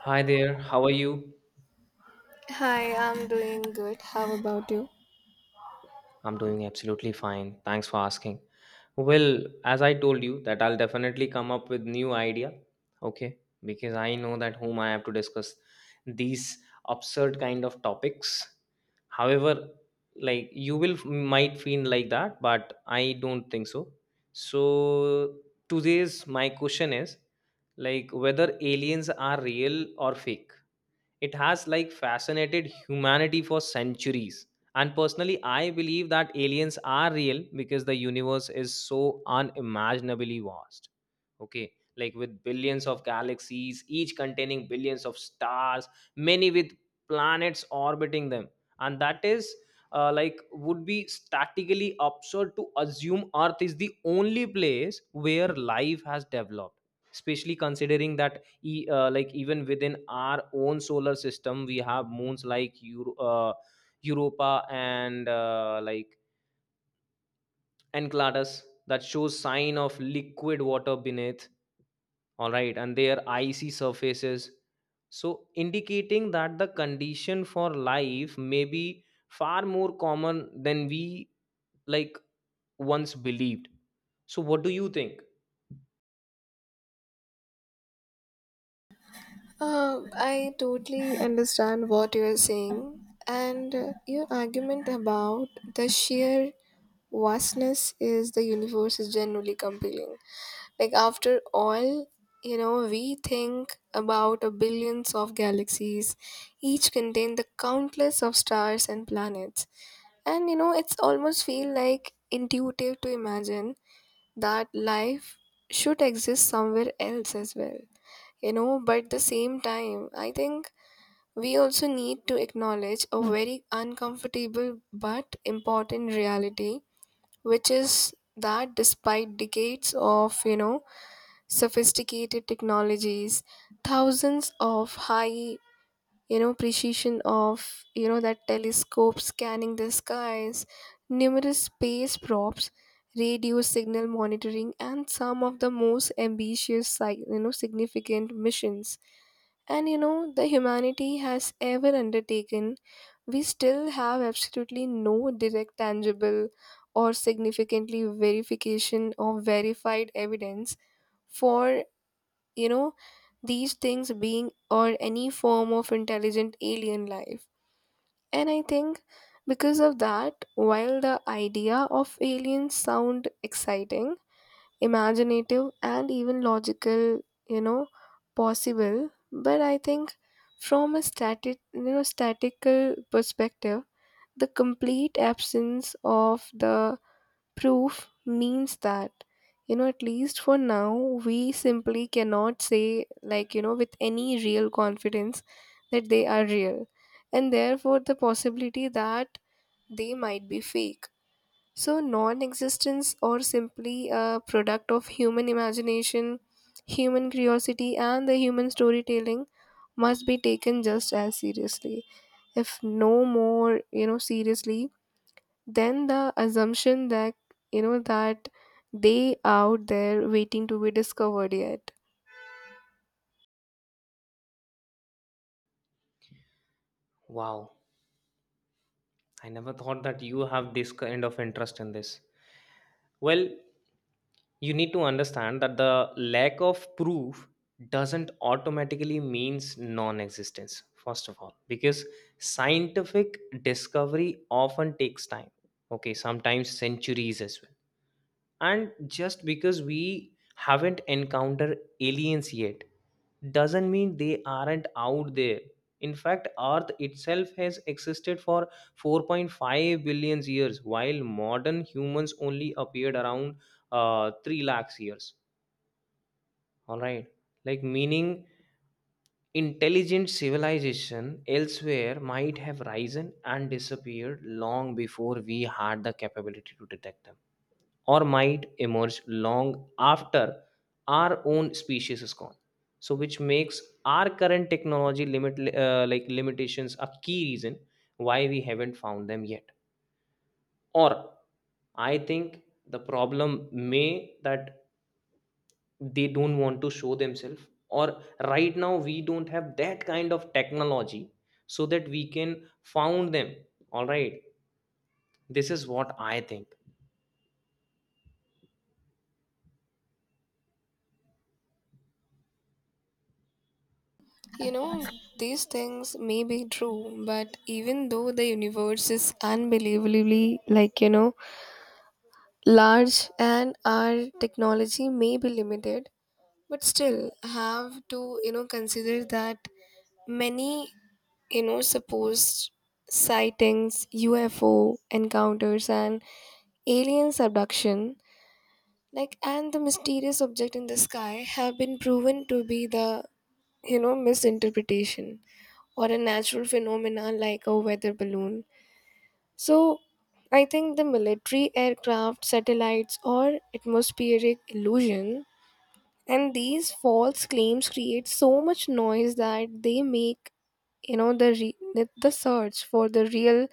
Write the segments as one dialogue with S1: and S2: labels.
S1: Hi there, how are you?
S2: Hi, I'm doing good. How about you?
S1: I'm doing absolutely fine. Thanks for asking. Well, as I told you that I'll definitely come up with new idea, okay? Because I know that whom I have to discuss these absurd kind of topics. However, like you will might feel like that, but I don't think so. So today's my question is like whether aliens are real or fake. It has like fascinated humanity for centuries. And personally, I believe that aliens are real because the universe is so unimaginably vast, okay, like with billions of galaxies, each containing billions of stars, many with planets orbiting them. And that is like would be statically absurd to assume earth is the only place where life has developed, especially considering that like even within our own solar system we have moons like europa and like enceladus that shows sign of liquid water beneath, all right, and their icy surfaces. So indicating that the condition for life may be far more common than we, like, once believed. So what do you think?
S2: I totally understand what you are saying, and your argument about the sheer vastness is the universe is generally compelling. Like after all, you know, we think about a billions of galaxies, each contain the countless of stars and planets. And you know, it's almost feel like intuitive to imagine that life should exist somewhere else as well. You know, but the same time I think we also need to acknowledge a very uncomfortable but important reality, which is that despite decades of, you know, sophisticated technologies, thousands of high, you know, precision of, you know, that telescope scanning the skies, numerous space probes, radio signal monitoring and some of the most ambitious you know, significant missions and, you know, the humanity has ever undertaken, we still have absolutely no direct tangible or significantly verification or verified evidence for, you know, these things being or any form of intelligent alien life. And I think because of that, while the idea of aliens sound exciting, imaginative and even logical, you know, possible, but I think from a static, you know, statical perspective, the complete absence of the proof means that, you know, at least for now, we simply cannot say, like, you know, with any real confidence that they are real, and therefore the possibility that they might be fake, so non-existence or simply a product of human imagination, human curiosity and the human storytelling must be taken just as seriously, if no more, you know, seriously, then the assumption that, you know, that they out there waiting to be discovered yet.
S1: Wow, I never thought that you have this kind of interest in this. Well, you need to understand that the lack of proof doesn't automatically means non-existence, first of all because scientific discovery often takes time, okay, sometimes centuries as well. And just because we haven't encountered aliens yet doesn't mean they aren't out there. In fact earth itself has existed for 4.5 billion years while modern humans only appeared around 3 lakhs years, all right, like meaning intelligent civilization elsewhere might have risen and disappeared long before we had the capability to detect them, or might emerge long after our own species is gone. So which makes our current technology limit like limitations a key reason why we haven't found them yet. Or I think the problem may that they don't want to show themselves, or right now we don't have that kind of technology so that we can found them. All right, this is what I think.
S2: You know, these things may be true, but even though the universe is unbelievably, like, you know, large and our technology may be limited, but still have to, you know, consider that many, you know, supposed sightings, ufo encounters and alien abduction, like, and the mysterious object in the sky have been proven to be the, you know, misinterpretation or a natural phenomena like a weather balloon. So I think the military aircraft satellites or atmospheric illusion and these false claims create so much noise that they make, you know, the search for the real,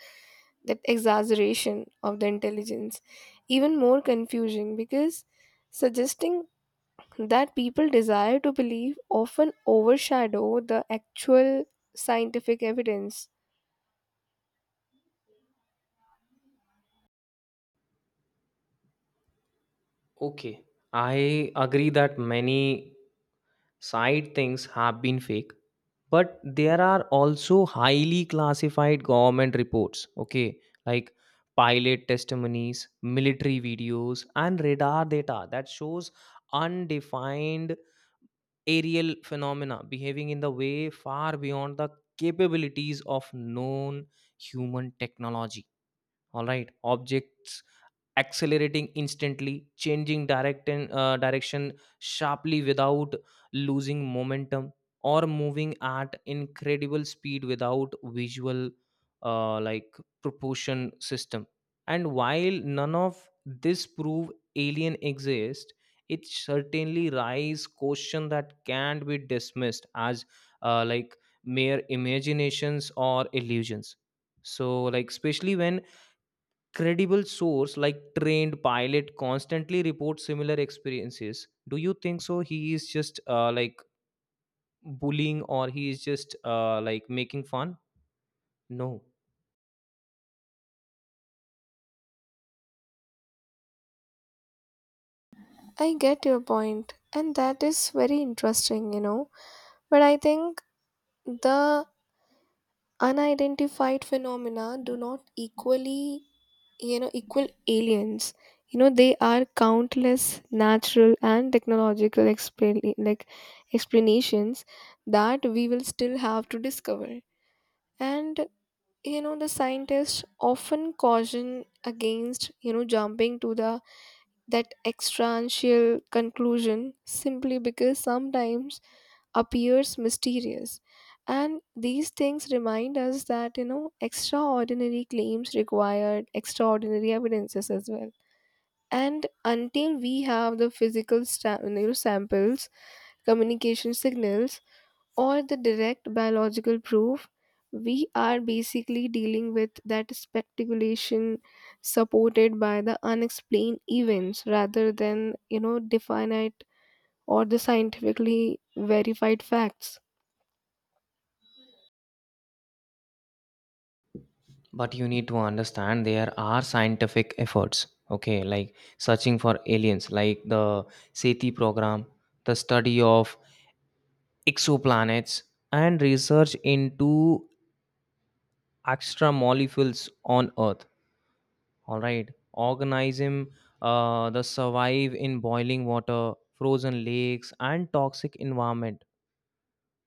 S2: that exaggeration of the intelligence, even more confusing because suggesting that people desire to believe often overshadow the actual scientific evidence.
S1: Okay, I agree that many side things have been fake, but there are also highly classified government reports, okay, like pilot testimonies, military videos, and radar data that shows undefined aerial phenomena behaving in the way far beyond the capabilities of known human technology. All right, objects accelerating instantly, changing direction sharply without losing momentum, or moving at incredible speed without visual like proportion system. And while none of this prove alien exist, it certainly raise question that can't be dismissed as like mere imaginations or illusions. So like especially when credible source like trained pilot constantly reports similar experiences, do you think so he is just like bullying or he is just like making fun? No.
S2: I get your point, and that is very interesting, you know. But I think the unidentified phenomena do not equally, you know, equal aliens. You know, they are countless natural and technological explain like explanations that we will still have to discover. And you know, the scientists often caution against, you know, jumping to the that extrancial conclusion simply because sometimes appears mysterious. And these things remind us that, you know, extraordinary claims required extraordinary evidences as well, and until we have the physical you know, samples, communication signals or the direct biological proof, we are basically dealing with that speculation supported by the unexplained events rather than, you know, definite or the scientifically verified facts.
S1: But you need to understand there are scientific efforts, okay, like searching for aliens, like the seti program, the study of exoplanets, and research into extra molecules on earth. All right. Organism the survive in boiling water, frozen lakes, and toxic environment.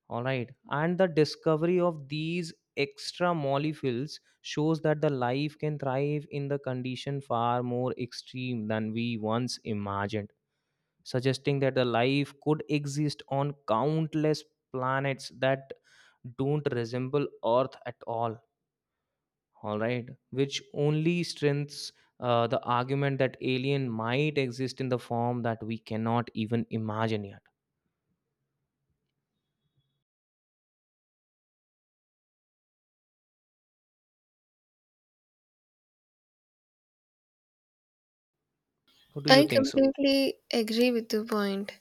S1: All right. And the discovery of these extra molecules shows that the life can thrive in the condition far more extreme than we once imagined, suggesting that the life could exist on countless planets that don't resemble Earth at all right, which only strengthens the argument that alien might exist in the form that we cannot even imagine yet. What do you
S2: I
S1: think so?
S2: completely agree with your point.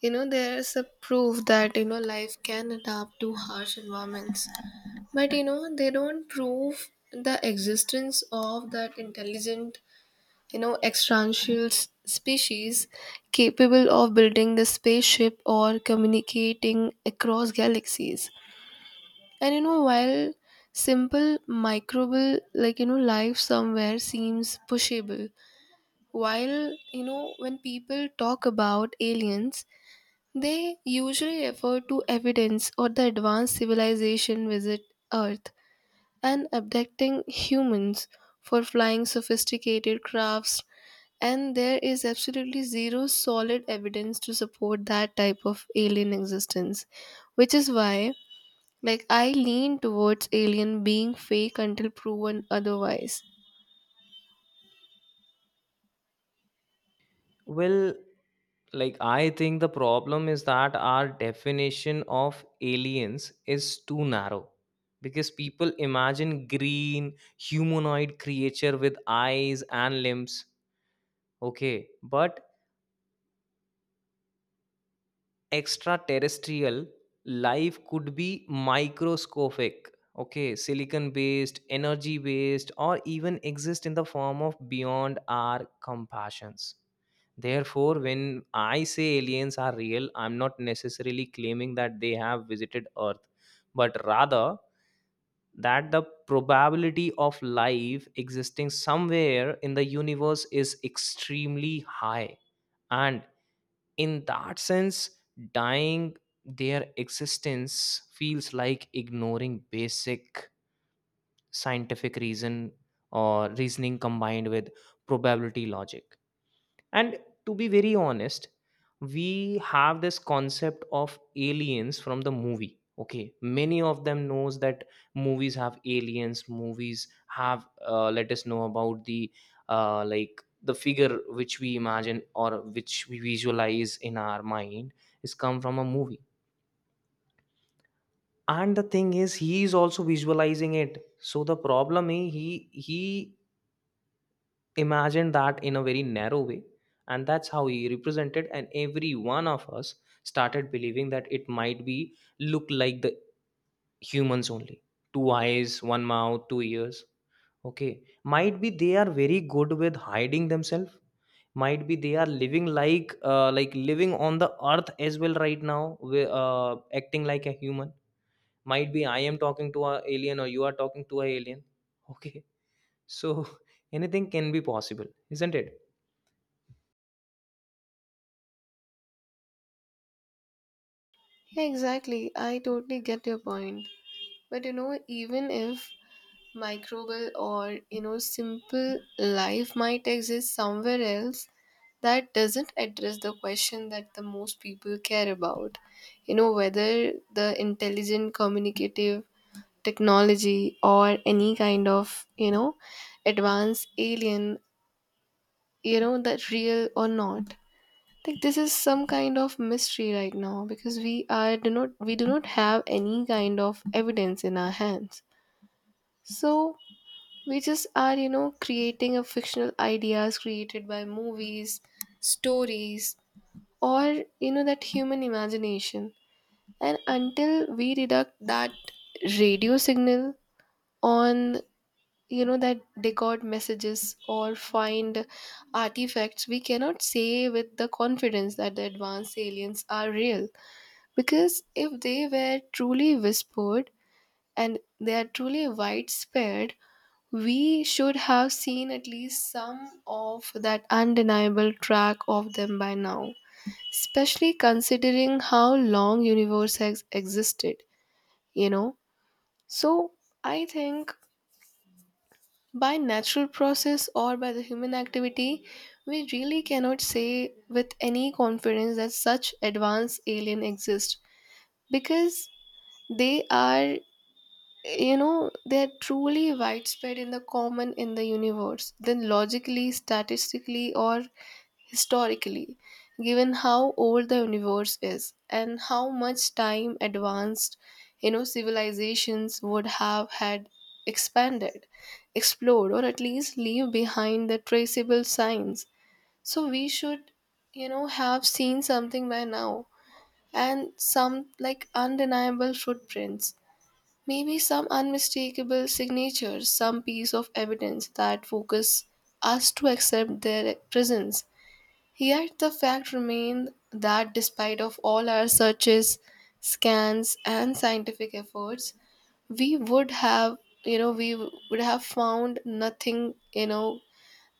S2: You know, there's a proof that, you know, life can adapt to harsh environments. But, you know, they don't prove the existence of that intelligent, you know, extraterrestrial species capable of building the spaceship or communicating across galaxies. And you know, while simple microbial, like, you know, life somewhere seems pushable, while, you know, when people talk about aliens, they usually refer to evidence or the advanced civilization visit earth and abducting humans for flying sophisticated crafts, and there is absolutely zero solid evidence to support that type of alien existence, which is why, like, I lean towards alien being fake until proven otherwise.
S1: Well, like I think the problem is that our definition of aliens is too narrow because people imagine green humanoid creature with eyes and limbs, okay, but extraterrestrial life could be microscopic, okay, silicon based, energy based, or even exist in the form of beyond our compassions. Therefore when I say aliens are real, I'm not necessarily claiming that they have visited earth, but rather that the probability of life existing somewhere in the universe is extremely high. And in that sense, dying their existence feels like ignoring basic scientific reason or reasoning combined with probability logic. And to be very honest, we have this concept of aliens from the movie. Okay, many of them knows that movies have aliens. Movies have, let us know about the like the figure which we imagine or which we visualize in our mind is come from a movie. And the thing is, he is also visualizing it. So the problem is he imagined that in a very narrow way, and that's how he represented and every one of us started believing that it might be look like the humans only, two eyes, one mouth, two ears. Okay, might be they are very good with hiding themselves, might be they are living like living on the earth as well right now, acting like a human. Might be I am talking to a alien or you are talking to a alien, okay? So anything can be possible, isn't it?
S2: Yeah, exactly, I totally get your point, but you know, even if microbial or, you know, simple life might exist somewhere else, that doesn't address the question that the most people care about, you know, whether the intelligent communicative technology or any kind of, you know, advanced alien, you know, that real or not, like this is some kind of mystery right now because we do not have any kind of evidence in our hands. So we just are, you know, creating a fictional ideas created by movies, stories or, you know, that human imagination. And until we reduct that radio signal on, you know, that decode messages or find artifacts, we cannot say with the confidence that the advanced aliens are real, because if they were truly whispered and they are truly widespread, we should have seen at least some of that undeniable track of them by now, especially considering how long universe has existed, you know. So I think by natural process or by the human activity, we really cannot say with any confidence that such advanced alien exist, because they are, you know, they are truly widespread in the common in the universe, then logically, statistically or historically, given how old the universe is and how much time advanced, you know, civilizations would have had expanded, explored, or at least leave behind the traceable signs. So we should, you know, have seen something by now and some like undeniable footprints, maybe some unmistakable signatures, some piece of evidence that focus us to accept their presence. Yet the fact remained that despite of all our searches, scans and scientific efforts, we would have, you know, we would have found nothing, you know,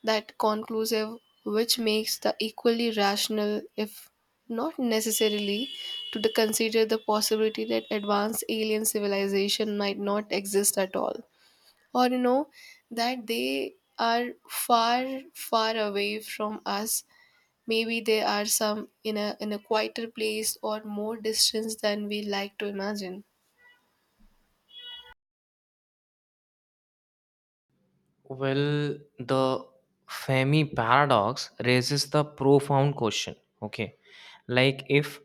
S2: that conclusive, which makes the equally rational if not necessarily to the consider the possibility that advanced alien civilization might not exist at all, or you know, that they are far, far away from us. Maybe they are some in a quieter place or more distance than we like to imagine.
S1: Well, the Fermi paradox raises the profound question. Okay. Like, if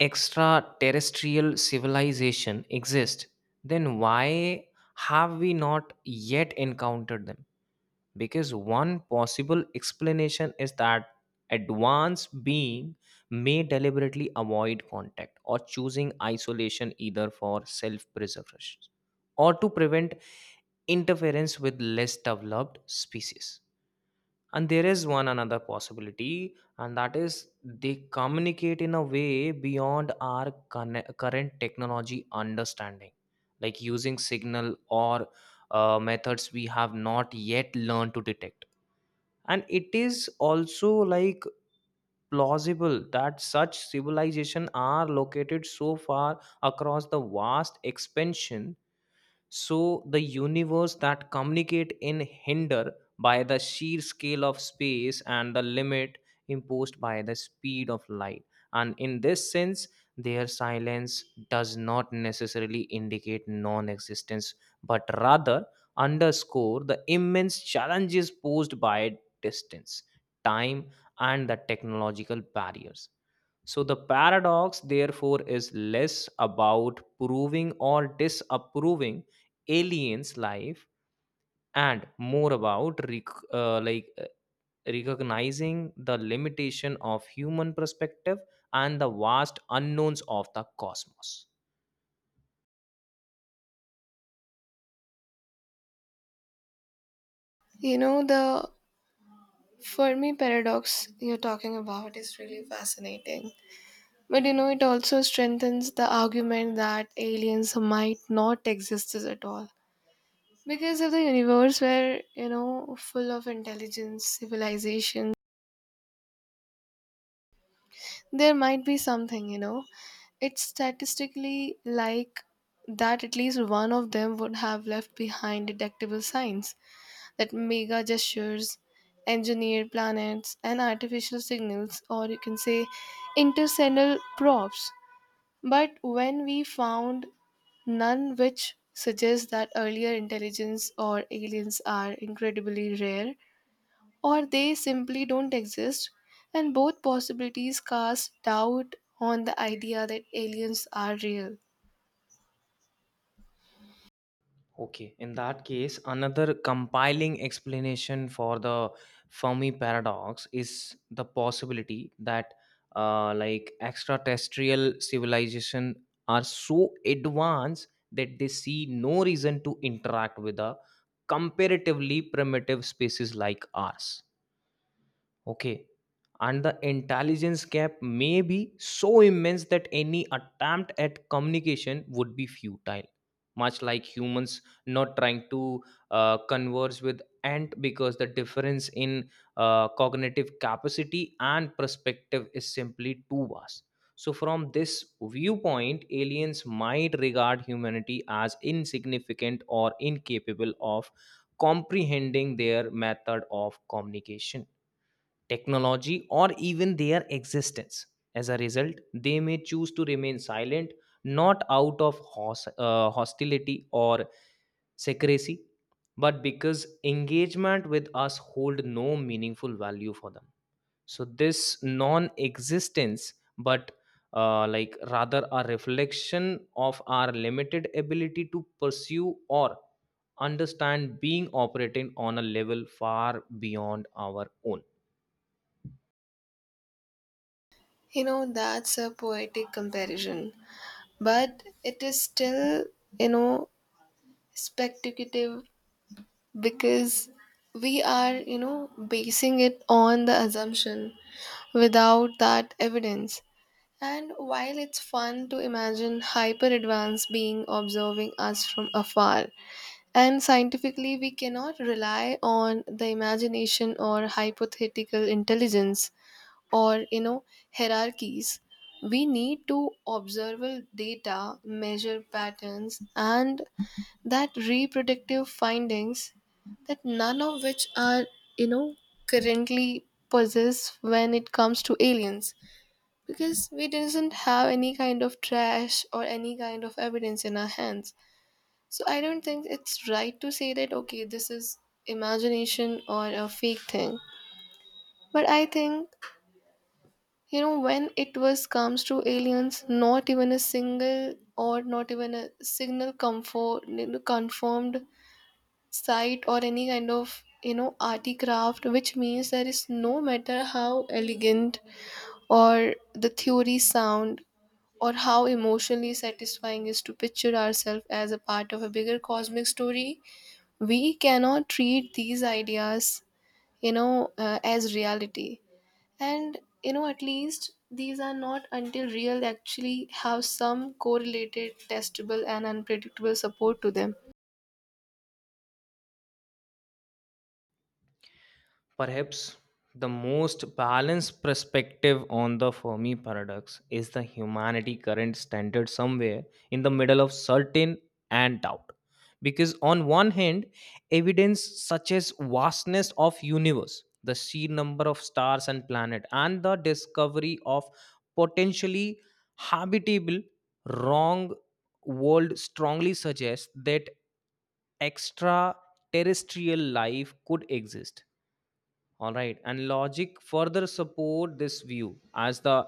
S1: extraterrestrial civilization exists, then why have we not yet encountered them? Because one possible explanation is that advanced being may deliberately avoid contact or choosing isolation, either for self preservation or to prevent interference with less developed species. And there is one another possibility, and that is they communicate in a way beyond our current technology understanding, like using signal or methods we have not yet learned to detect. And it is also like plausible that such civilization are located so far across the vast expansion so the universe that communicate in hinder by the sheer scale of space and the limit imposed by the speed of light. And in this sense, their silence does not necessarily indicate non-existence, but rather underscore the immense challenges posed by distance, time, and the technological barriers. So the paradox, therefore, is less about proving or disapproving aliens life, and more about recognizing the limitation of human perspective and the vast unknowns of the cosmos.
S2: You know, the Fermi paradox you're talking about is really fascinating. But you know, it also strengthens the argument that aliens might not exist at all. Because if the universe were, you know, full of intelligence, civilization, there might be something, you know. It's statistically like that at least one of them would have left behind detectable signs, that mega gestures, engineered planets, and artificial signals, or you can say interstellar probes. But when we found none, which suggests that earlier intelligence or aliens are incredibly rare, or they simply don't exist, and both possibilities cast doubt on the idea that aliens are real.
S1: Okay, in that case, another compiling explanation for the Fermi paradox is the possibility that, like, extraterrestrial civilization are so advanced that they see no reason to interact with a comparatively primitive species like ours. Okay. And the intelligence gap may be so immense that any attempt at communication would be futile, much like humans not trying to converse with ant because the difference in cognitive capacity and perspective is simply too vast. So, from this viewpoint, aliens might regard humanity as insignificant or incapable of comprehending their method of communication, technology, or even their existence. As a result, they may choose to remain silent, not out of hostility or secrecy, but because engagement with us hold no meaningful value for them. So this non-existence, but like rather a reflection of our limited ability to pursue or understand being operating on a level far beyond our own.
S2: You know, that's a poetic comparison, but it is still, you know, speculative because we are, you know, basing it on the assumption without that evidence. And while it's fun to imagine hyper advanced being observing us from afar, and scientifically, we cannot rely on the imagination or hypothetical intelligence or, you know, hierarchies. We need to observable data, measure patterns, and that reproductive findings that none of which are, you know, currently possessed when it comes to aliens, because we doesn't have any kind of trash or any kind of evidence in our hands. So I don't think it's right to say that okay, this is imagination or a fake thing. But I think, you know, when it was comes to aliens, not even a single or not even a signal comfort, you know, confirmed site or any kind of, you know, arty craft, which means there is no matter how elegant or the theory sound or how emotionally satisfying is to picture ourselves as a part of a bigger cosmic story, we cannot treat these ideas, you know, as reality, and you know, at least these are not until real actually have some correlated testable and unpredictable support to them.
S1: Perhaps the most balanced perspective on the Fermi paradox is the humanity current standard somewhere in the middle of certain and doubt. Because on one hand, evidence such as vastness of universe, the sheer number of stars and planet, and the discovery of potentially habitable wrong world strongly suggests that extraterrestrial life could exist. All right, and logic further support this view as the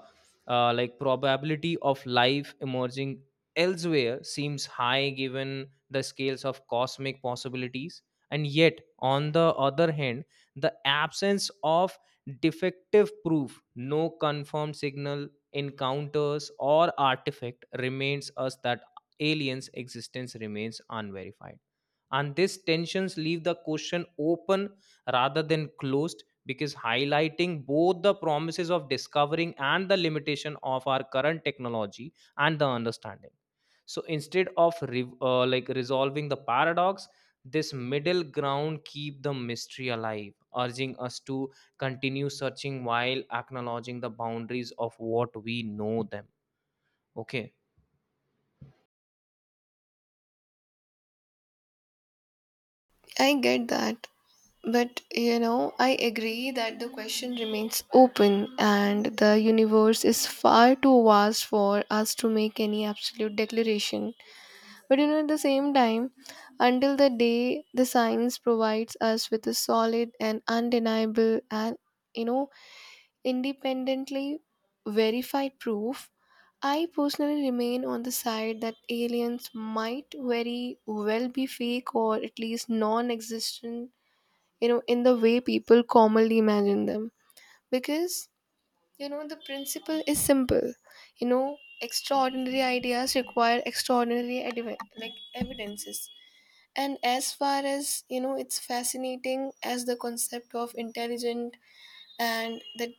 S1: like probability of life emerging elsewhere seems high given the scales of cosmic possibilities. And yet on the other hand, the absence of defective proof, no confirmed signal, encounters or artifact remains us that aliens existence remains unverified. And these tensions leave the question open rather than closed, because highlighting both the promises of discovering and the limitation of our current technology and the understanding. So instead of like resolving the paradox, this middle ground keep the mystery alive, urging us to continue searching while acknowledging the boundaries of what we know them. Okay.
S2: I get that, but you know, I agree that the question remains open and the universe is far too vast for us to make any absolute declaration. But you know, at the same time, until the day the science provides us with a solid and undeniable and, you know, independently verified proof, I personally remain on the side that aliens might very well be fake or at least non existent, you know, in the way people commonly imagine them. Because, you know, the principle is simple. You know, extraordinary ideas require extraordinary like evidences, and as far as you know, it's fascinating as the concept of intelligent and that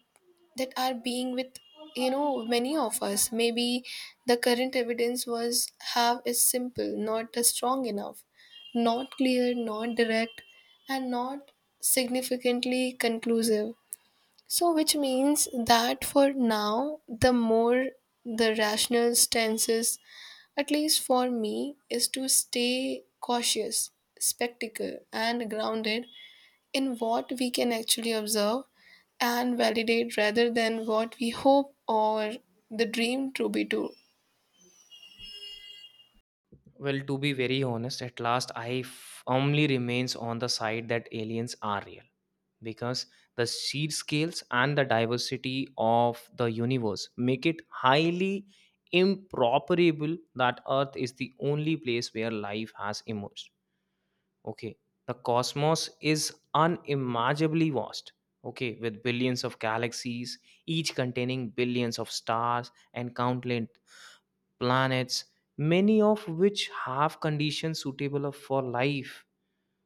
S2: that are being with, you know, many of us. Maybe the current evidence was have is simple, not a strong enough, not clear, not direct, and not significantly conclusive. So, which means that for now, the more the rational stance is, at least for me, is to stay cautious, spectacle, and grounded in what we can actually observe and validate rather than what we hope or the dream to be true.
S1: Well, to be very honest, at last I firmly remains on the side that aliens are real because the sheer scales and the diversity of the universe make it highly improbable that Earth is the only place where life has emerged. Okay, the cosmos is unimaginably vast. Okay, with billions of galaxies, each containing billions of stars and countless planets, many of which have conditions suitable for life.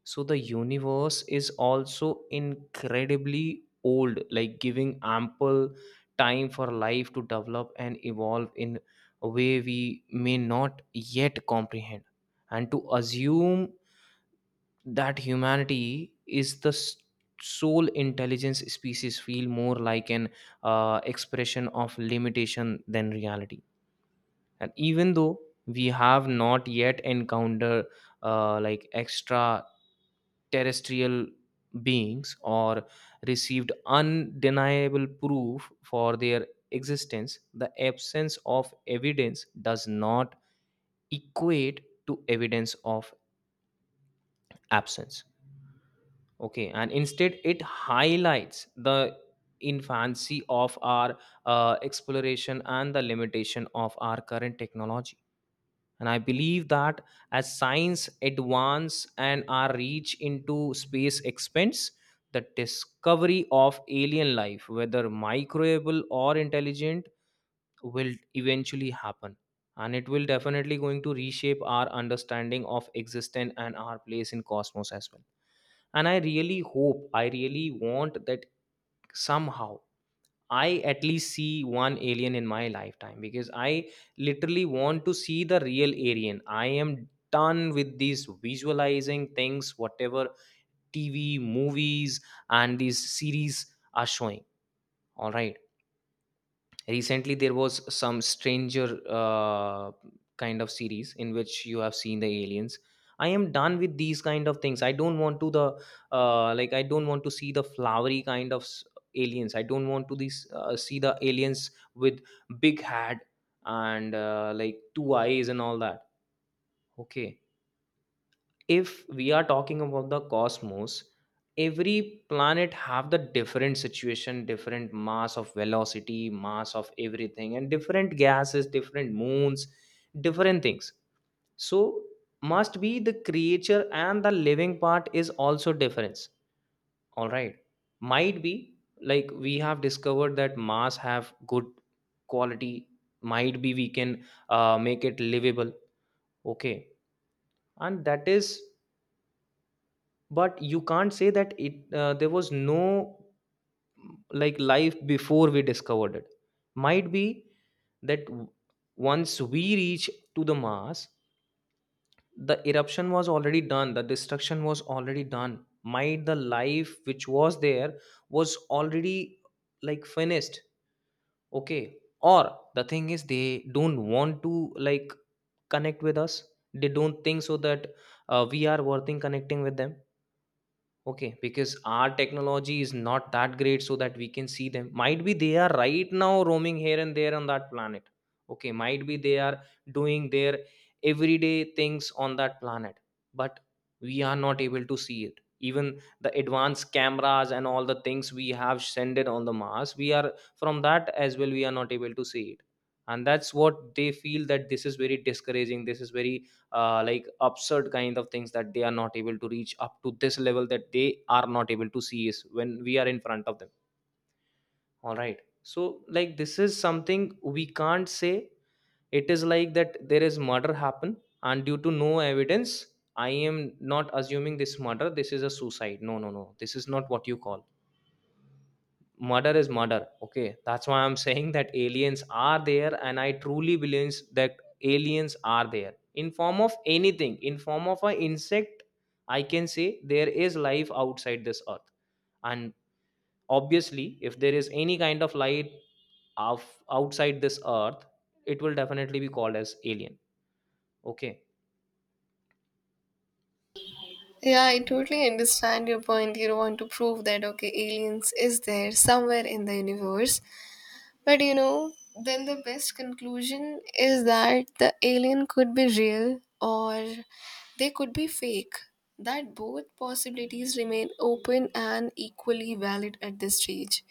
S1: So the universe is also incredibly old, like giving ample time for life to develop and evolve in a way we may not yet comprehend. And to assume that humanity is the sole intelligence species feel more like an expression of limitation than reality. And even though we have not yet encountered like extra terrestrial beings or received undeniable proof for their existence, the absence of evidence does not equate to evidence of absence. Okay, and instead it highlights the infancy of our exploration and the limitation of our current technology. And I believe that as science advance and our reach into space expands, the discovery of alien life, whether microbial or intelligent, will eventually happen. And it will definitely going to reshape our understanding of existence and our place in cosmos as well. And I really want that somehow I at least see one alien in my lifetime, because I literally want to see the real alien. I am done with these visualizing things, whatever TV, movies, and these series are showing. All right, recently there was some stranger kind of series in which you have seen the aliens. I am done with these kind of things. I don't want to the. I don't want to see the flowery kind of aliens. I don't want to these see the aliens with big head and like two eyes and all that. Okay, if we are talking about the cosmos, every planet have the different situation, different mass of velocity, mass of everything, and different gases, different moons, different things. So must be the creature and the living part is also difference. All right, might be like we have discovered that mass have good quality, might be we can make it livable. Okay, and that is, but you can't say that it there was no like life before we discovered it. Might be that once we reach to the mars, the eruption was already done, the destruction was already done. Might the life which was there was already like finished. Okay, or the thing is they don't want to like connect with us. They don't think so that we are worth in connecting with them. Okay, because our technology is not that great so that we can see them. Might be they are right now roaming here and there on that planet. Okay, might be they are doing their everyday things on that planet, but we are not able to see it. Even the advanced cameras and all the things we have sent it on the Mars, we are from that as well, we are not able to see it. And that's what they feel that this is very discouraging. This is very like absurd kind of things, that they are not able to reach up to this level, that they are not able to see is when we are in front of them. All right, so like this is something we can't say. It is like that there is murder happen, and due to no evidence, I am not assuming this murder, this is a suicide. No, no, no, this is not what you call. Murder is murder. Okay, that's why I'm saying that aliens are there, and I truly believe that aliens are there in form of anything, in form of an insect. I can say there is life outside this earth. And obviously, if there is any kind of light of outside this earth, it will definitely be called as alien. Okay.
S2: Yeah, I totally understand your point. You don't want to prove that okay, aliens is there somewhere in the universe, but you know, then the best conclusion is that the alien could be real or they could be fake. That both possibilities remain open and equally valid at this stage.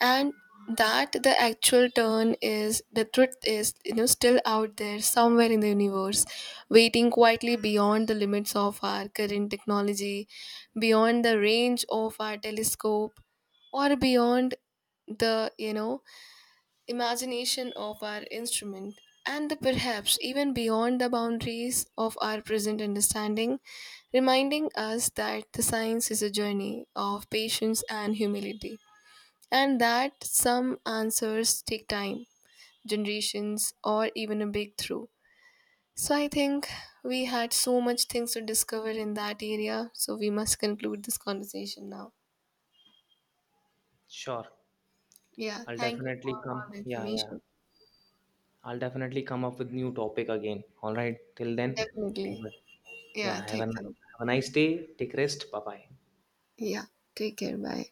S2: And that the actual turn is the truth is, you know, still out there somewhere in the universe, waiting quietly beyond the limits of our current technology, beyond the range of our telescope, or beyond the, you know, imagination of our instrument and the perhaps even beyond the boundaries of our present understanding, reminding us that the science is a journey of patience and humility, and that some answers take time, generations, or even a breakthrough. So, I think we had so much things to discover in that area, so we must conclude this conversation now.
S1: Sure.
S2: Yeah,
S1: I'll
S2: thank you
S1: definitely
S2: for all
S1: come.
S2: the
S1: Yeah, yeah,
S2: information.
S1: I'll definitely come up with new topic again. All right, till then have
S2: Definitely.
S1: a. Yeah,
S2: Yeah,
S1: have
S2: take care.
S1: have a nice day. Take rest. Bye bye.
S2: Yeah, take care. Bye.